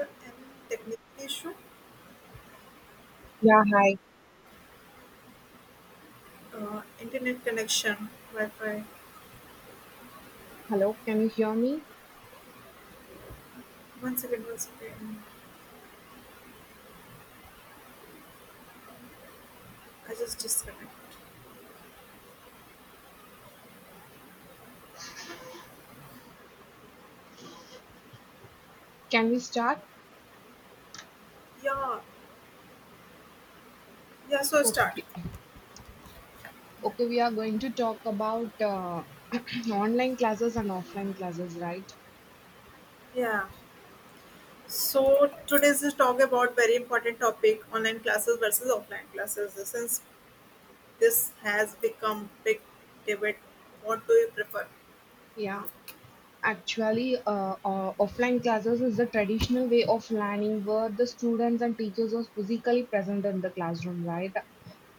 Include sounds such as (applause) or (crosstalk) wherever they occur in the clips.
An technical issue. Yeah, hi. Internet connection, Wi-Fi. Hello, can you hear me? 1 second, 1 second. I just disconnect. Can we start? Yeah, yeah. So start. Okay. Okay, we are going to talk about (clears throat) online classes and offline classes, right? Yeah. So today's is talk about very important topic: online classes versus offline classes. Since this has become big debate, what do you prefer? Yeah. Actually, offline classes is the traditional way of learning where the students and teachers are physically present in the classroom, right?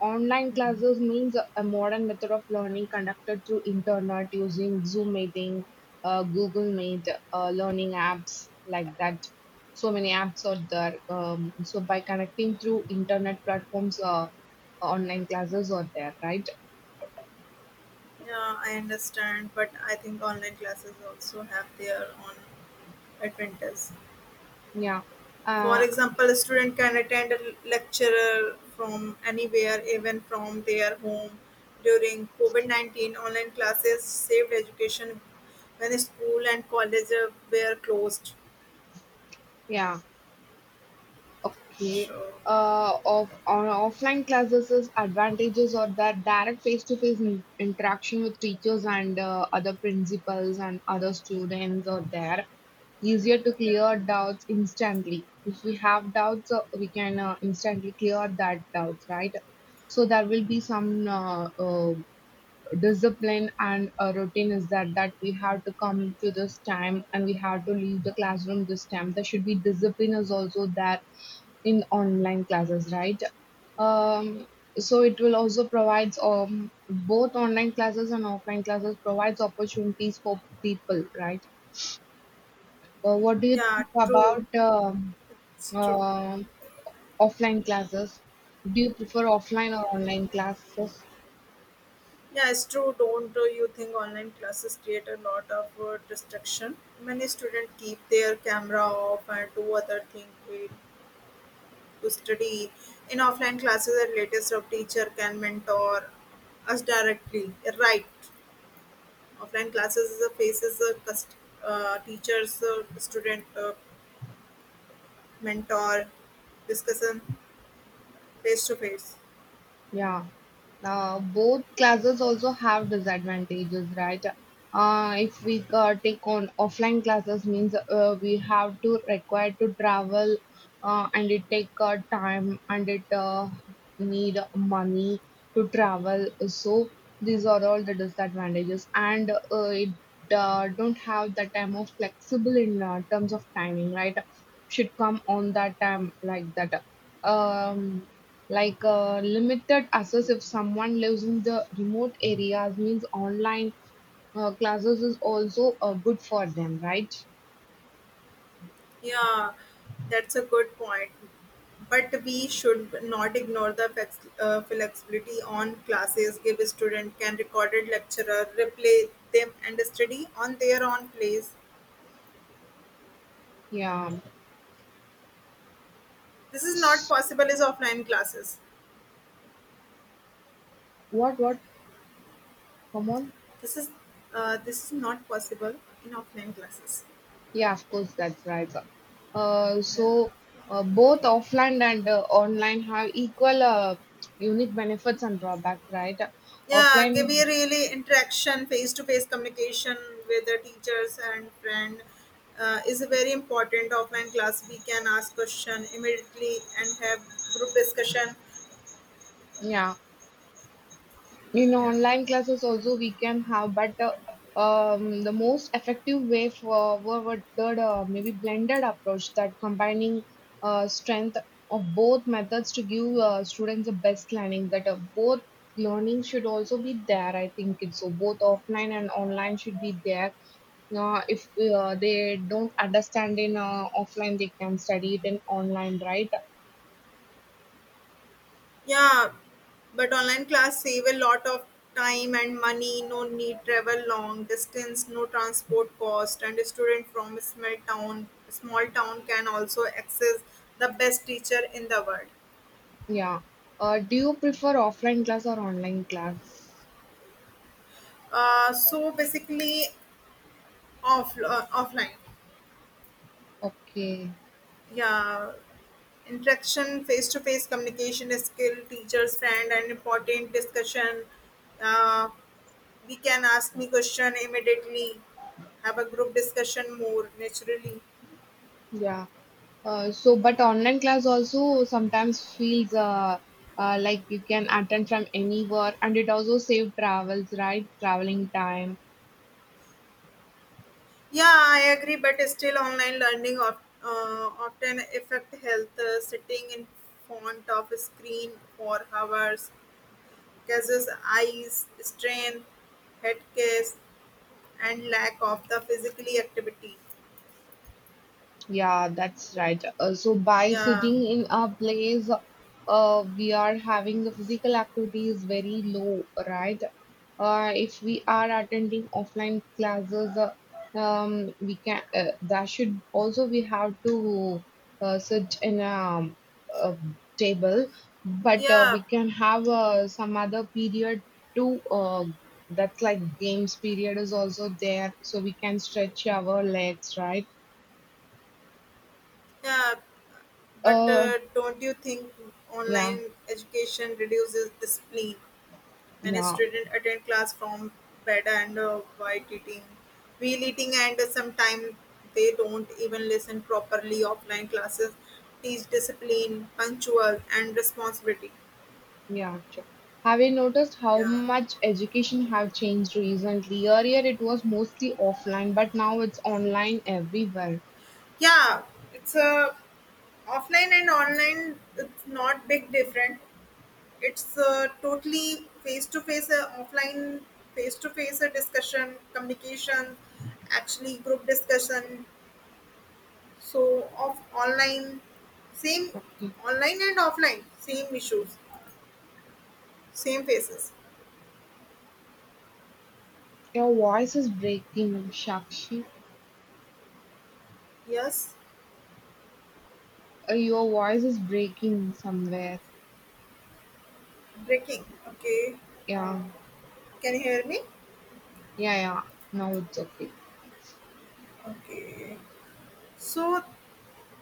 Online classes means a modern method of learning conducted through internet using Zoom meeting, Google Meet, learning apps like that. So many apps are there. So by connecting through internet platforms, online classes are there, right? Yeah, I understand, but I think online classes also have their own advantages. Yeah. For Uh, example, a student can attend a lecture from anywhere, even from their home. During COVID 19, online classes saved education when school and college were closed. yeah. Okay. Sure. Of on offline classes, is advantages are that direct face-to-face interaction with teachers and other principals and other students are there. Easier to Yeah, clear doubts instantly. If we have doubts, we can instantly clear that doubts, right? So there will be some discipline and a routine is that we have to come to this time and we have to leave the classroom this time there should be discipline is also there in online classes, right? Um, so it will also provides both online classes and offline classes provides opportunities for people, right? What do you yeah, think true. about um, It's true. uh, offline classes, do you prefer offline or online classes? Yeah, it's true. Don't you think online classes create a lot of distraction? Many students keep their camera off and do other things to study in offline classes at latest of teacher can mentor us directly, right. Offline classes is a faces a teachers student mentor discussion face to face. Yeah. Both classes also have disadvantages, right? If we take on offline classes, means we have to require to travel, and it take time and it need money to travel. So these are all the disadvantages, and it don't have the time of flexible in terms of timing, right? Should come on that time like that. Um, like limited access if someone lives in the remote areas means online classes is also good for them, right? Yeah, that's a good point, but we should not ignore the flexibility on classes give a student can recorded lecturer replay them and study on their own place. Yeah. This is not possible as offline classes. What? What? Come on. This is this is not possible in offline classes. Yeah, of course, that's right. Uh, Yeah. so both offline and online have equal unique benefits and drawbacks, right? Yeah, give Offline, me really interaction, face to face communication with the teachers and friend is a very important offline class. We can ask question immediately and have group discussion. yeah. In online classes also we can have, but the most effective way for forward the maybe blended approach that combining strength of both methods to give students the best learning, that both learning should also be there. I think it's so, both offline and online should be there. If they don't understand in offline, they can study it in online, right? Yeah, but online class save a lot of time and money. No need travel long distance, no transport cost, and a student from a small town can also access the best teacher in the world. Yeah. Do you prefer offline class or online class? So basically, offline, Okay. yeah, interaction, face to face communication is skill, teachers, friend, and important discussion. Uh, we can ask me question immediately, have a group discussion more naturally. Yeah. But online class also sometimes feels like you can attend from anywhere, and it also save travels, right? Traveling time. Yeah, I agree, but still online learning of, often affect health. Sitting in front of a screen for hours causes eyes strain, head case, and lack of the physically activity. Yeah, that's right. So by yeah sitting in a place, we are having the physical activity is very low, right? If we are attending offline classes, we can that should also we have to sit in a table, but yeah we can have some other period too. That's like games period is also there, so we can stretch our legs, right? yeah but Uh, don't you think yeah, online education reduces discipline when a yeah, student attend class from bed and while eating, while eating, and sometimes they don't even listen properly. Offline classes teach discipline, punctual, and responsibility. yeah. Sure. Have you noticed how yeah much education have changed recently? Earlier it was mostly offline, but now it's online everywhere. yeah it's a offline and online, it's not big different. It's totally face to face, offline, face to face discussion, communication, actually group discussion. So of online, same online and offline, same issues, same faces. Your voice is breaking, Shakshi. Yes, Your voice is breaking somewhere. breaking. Okay, uh, Yeah, can you hear me? Yeah. Now it's okay. Okay, so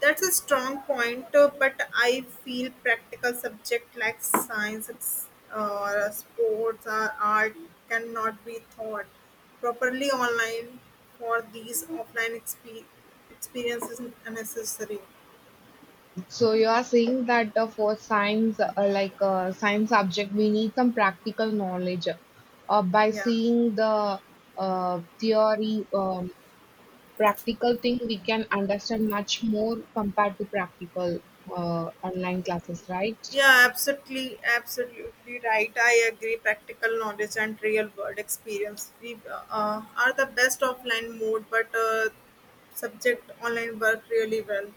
that's a strong point, but I feel practical subject like science ex- or sports or art cannot be taught properly online for these offline experiences is unnecessary. So you are saying that for science, like science subject, we need some practical knowledge. By Yeah. seeing the theory, practical thing we can understand much more compared to practical online classes, right? Yeah, absolutely, absolutely right. I agree. Practical knowledge and real world experience we, are the best offline mode, but subject online work really well.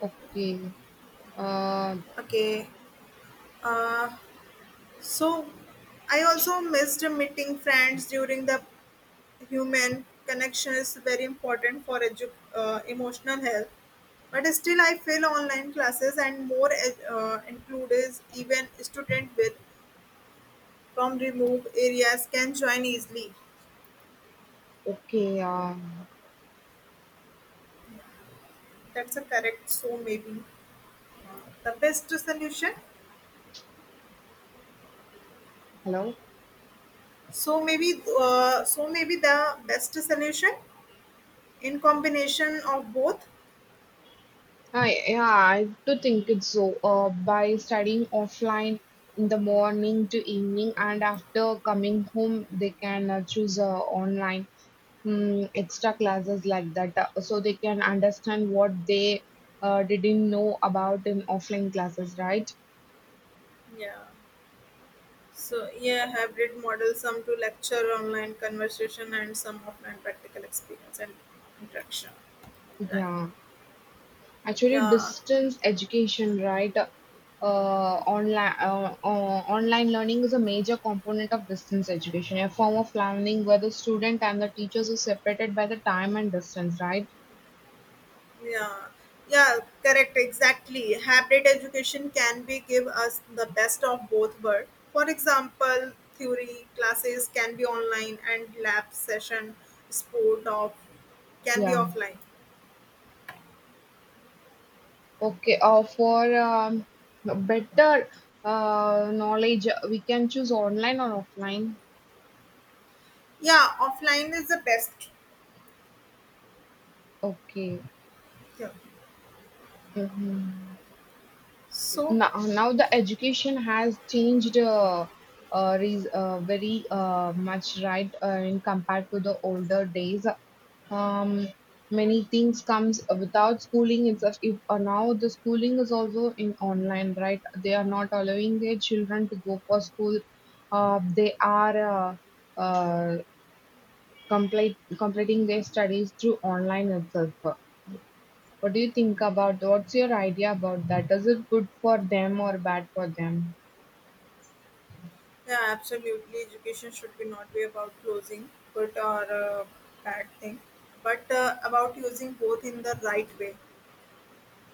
Okay. Uh, Okay. Uh, So I also missed meeting friends during the human connection is very important for emotional health. But still, I feel online classes and more includes even student with from remote areas can join easily. okay. That's a correct. So maybe the best solution. Hello. So maybe the best solution in combination of both. Yeah, I do think it's so. By studying offline in the morning to evening, and after coming home, they can choose online, mm, extra classes like that, so they can understand what they didn't know about in offline classes, right? Yeah. So yeah, hybrid model, some to lecture, online conversation, and some offline practical experience and interaction. Right. Yeah. Actually, Yeah. distance education, right? Uh, online learning is a major component of distance education, a form of learning where the student and the teachers are separated by the time and distance, right? Yeah. Yeah. Correct. Exactly. Hybrid education can be give us the best of both worlds. For example, theory classes can be online and lab session sport of can be Yeah. offline. Okay. For better knowledge, we can choose online or offline. Yeah, offline is the best. Okay. Yeah. Mhm. So Now the education has changed very much, right, in compared to the older days. um, many things comes without schooling itself. If now the schooling is also in online, right, they are not allowing their children to go for school. Uh, they are uh, uh, complete completing their studies through online itself. What do you think about, what's your idea about that? Is it good for them or bad for them? yeah, absolutely. Education should be not be about closing good or bad thing, but about using both in the right way.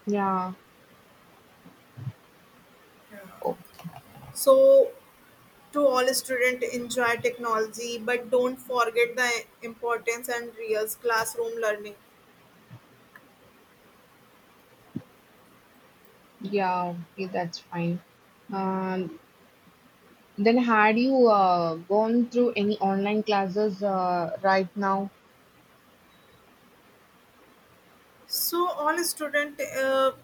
Yeah. Yeah. Oh, So, to all students, enjoy technology, but don't forget the importance and real classroom learning. yeah. Okay, that's fine. Um, then had you gone through any online classes right now? So, all student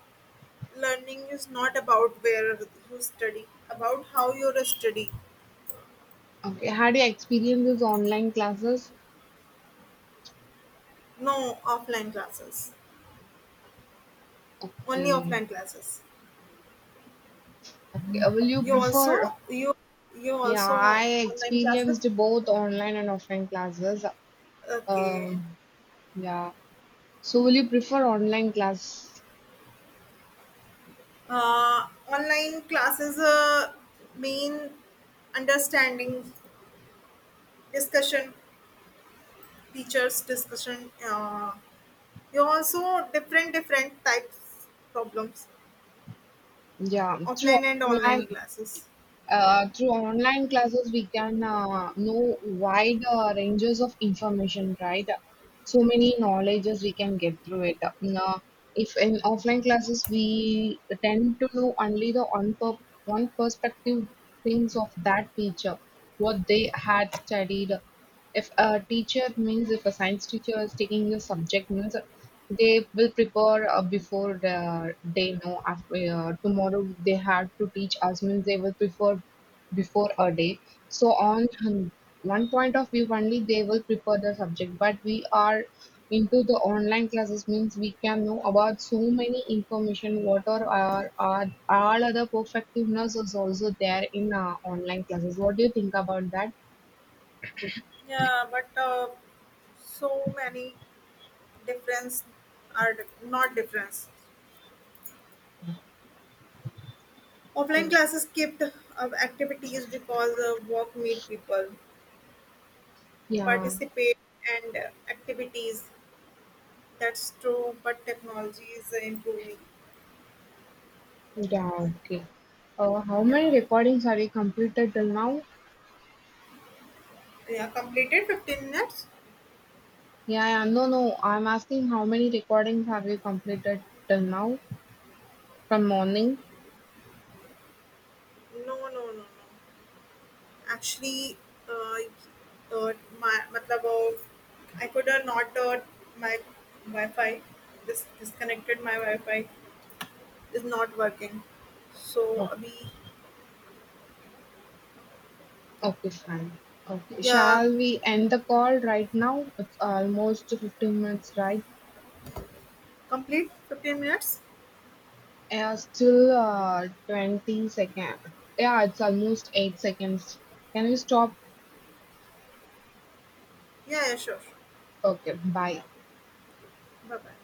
learning is not about where you study, about how you study. Okay. Had you experienced these online classes? No offline classes, only Okay. offline classes. Okay. Will you You prefer? also you you Yeah, also I online classes. experienced both online and offline classes. Okay. Um, yeah. So will you prefer online class? Online classes mean understanding, discussion, teachers discussion. You also different types problems, Yeah. Through offline and online online. classes. Through online classes, we can know wide ranges of information, right? So many knowledges we can get through it. Now, if in offline classes we tend to know only the one perspective things of that teacher, what they had studied. If a teacher means if a science teacher is taking the subject means they will prepare before the day. No, after tomorrow they have to teach us means they will prepare before a day. So one point of view only they will prepare the subject, but we are into the online classes means we can know about so many information. What are all other perfectiveness is also there in online classes? What do you think about that? Yeah, but so many difference are not difference. Offline classes kept activities because work meet people Yeah. participate and activities. That's true, but technology is improving. Yeah, okay. How Yeah. many recordings have you completed till now? Yeah, completed 15 minutes? Yeah, yeah, no, no. I'm asking how many recordings have you completed till now from morning? No, no, no, no. Actually, uh, uh, my, matlab, I could not, my Wi-Fi, this disconnected my Wi-Fi is not working. So, Oh, abhi, okay, fine. Okay, yeah, shall we end the call right now? It's almost 15 minutes, right? complete 15 minutes? Yeah, still 20 seconds. Yeah, it's almost 8 seconds. Can we stop? Yeah, Sure. Sure. Okay, bye. Bye-bye.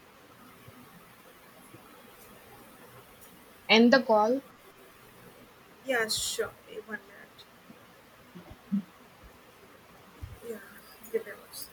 End the call. Yeah, sure. Eh, 1 minute. Yeah, give it a watch.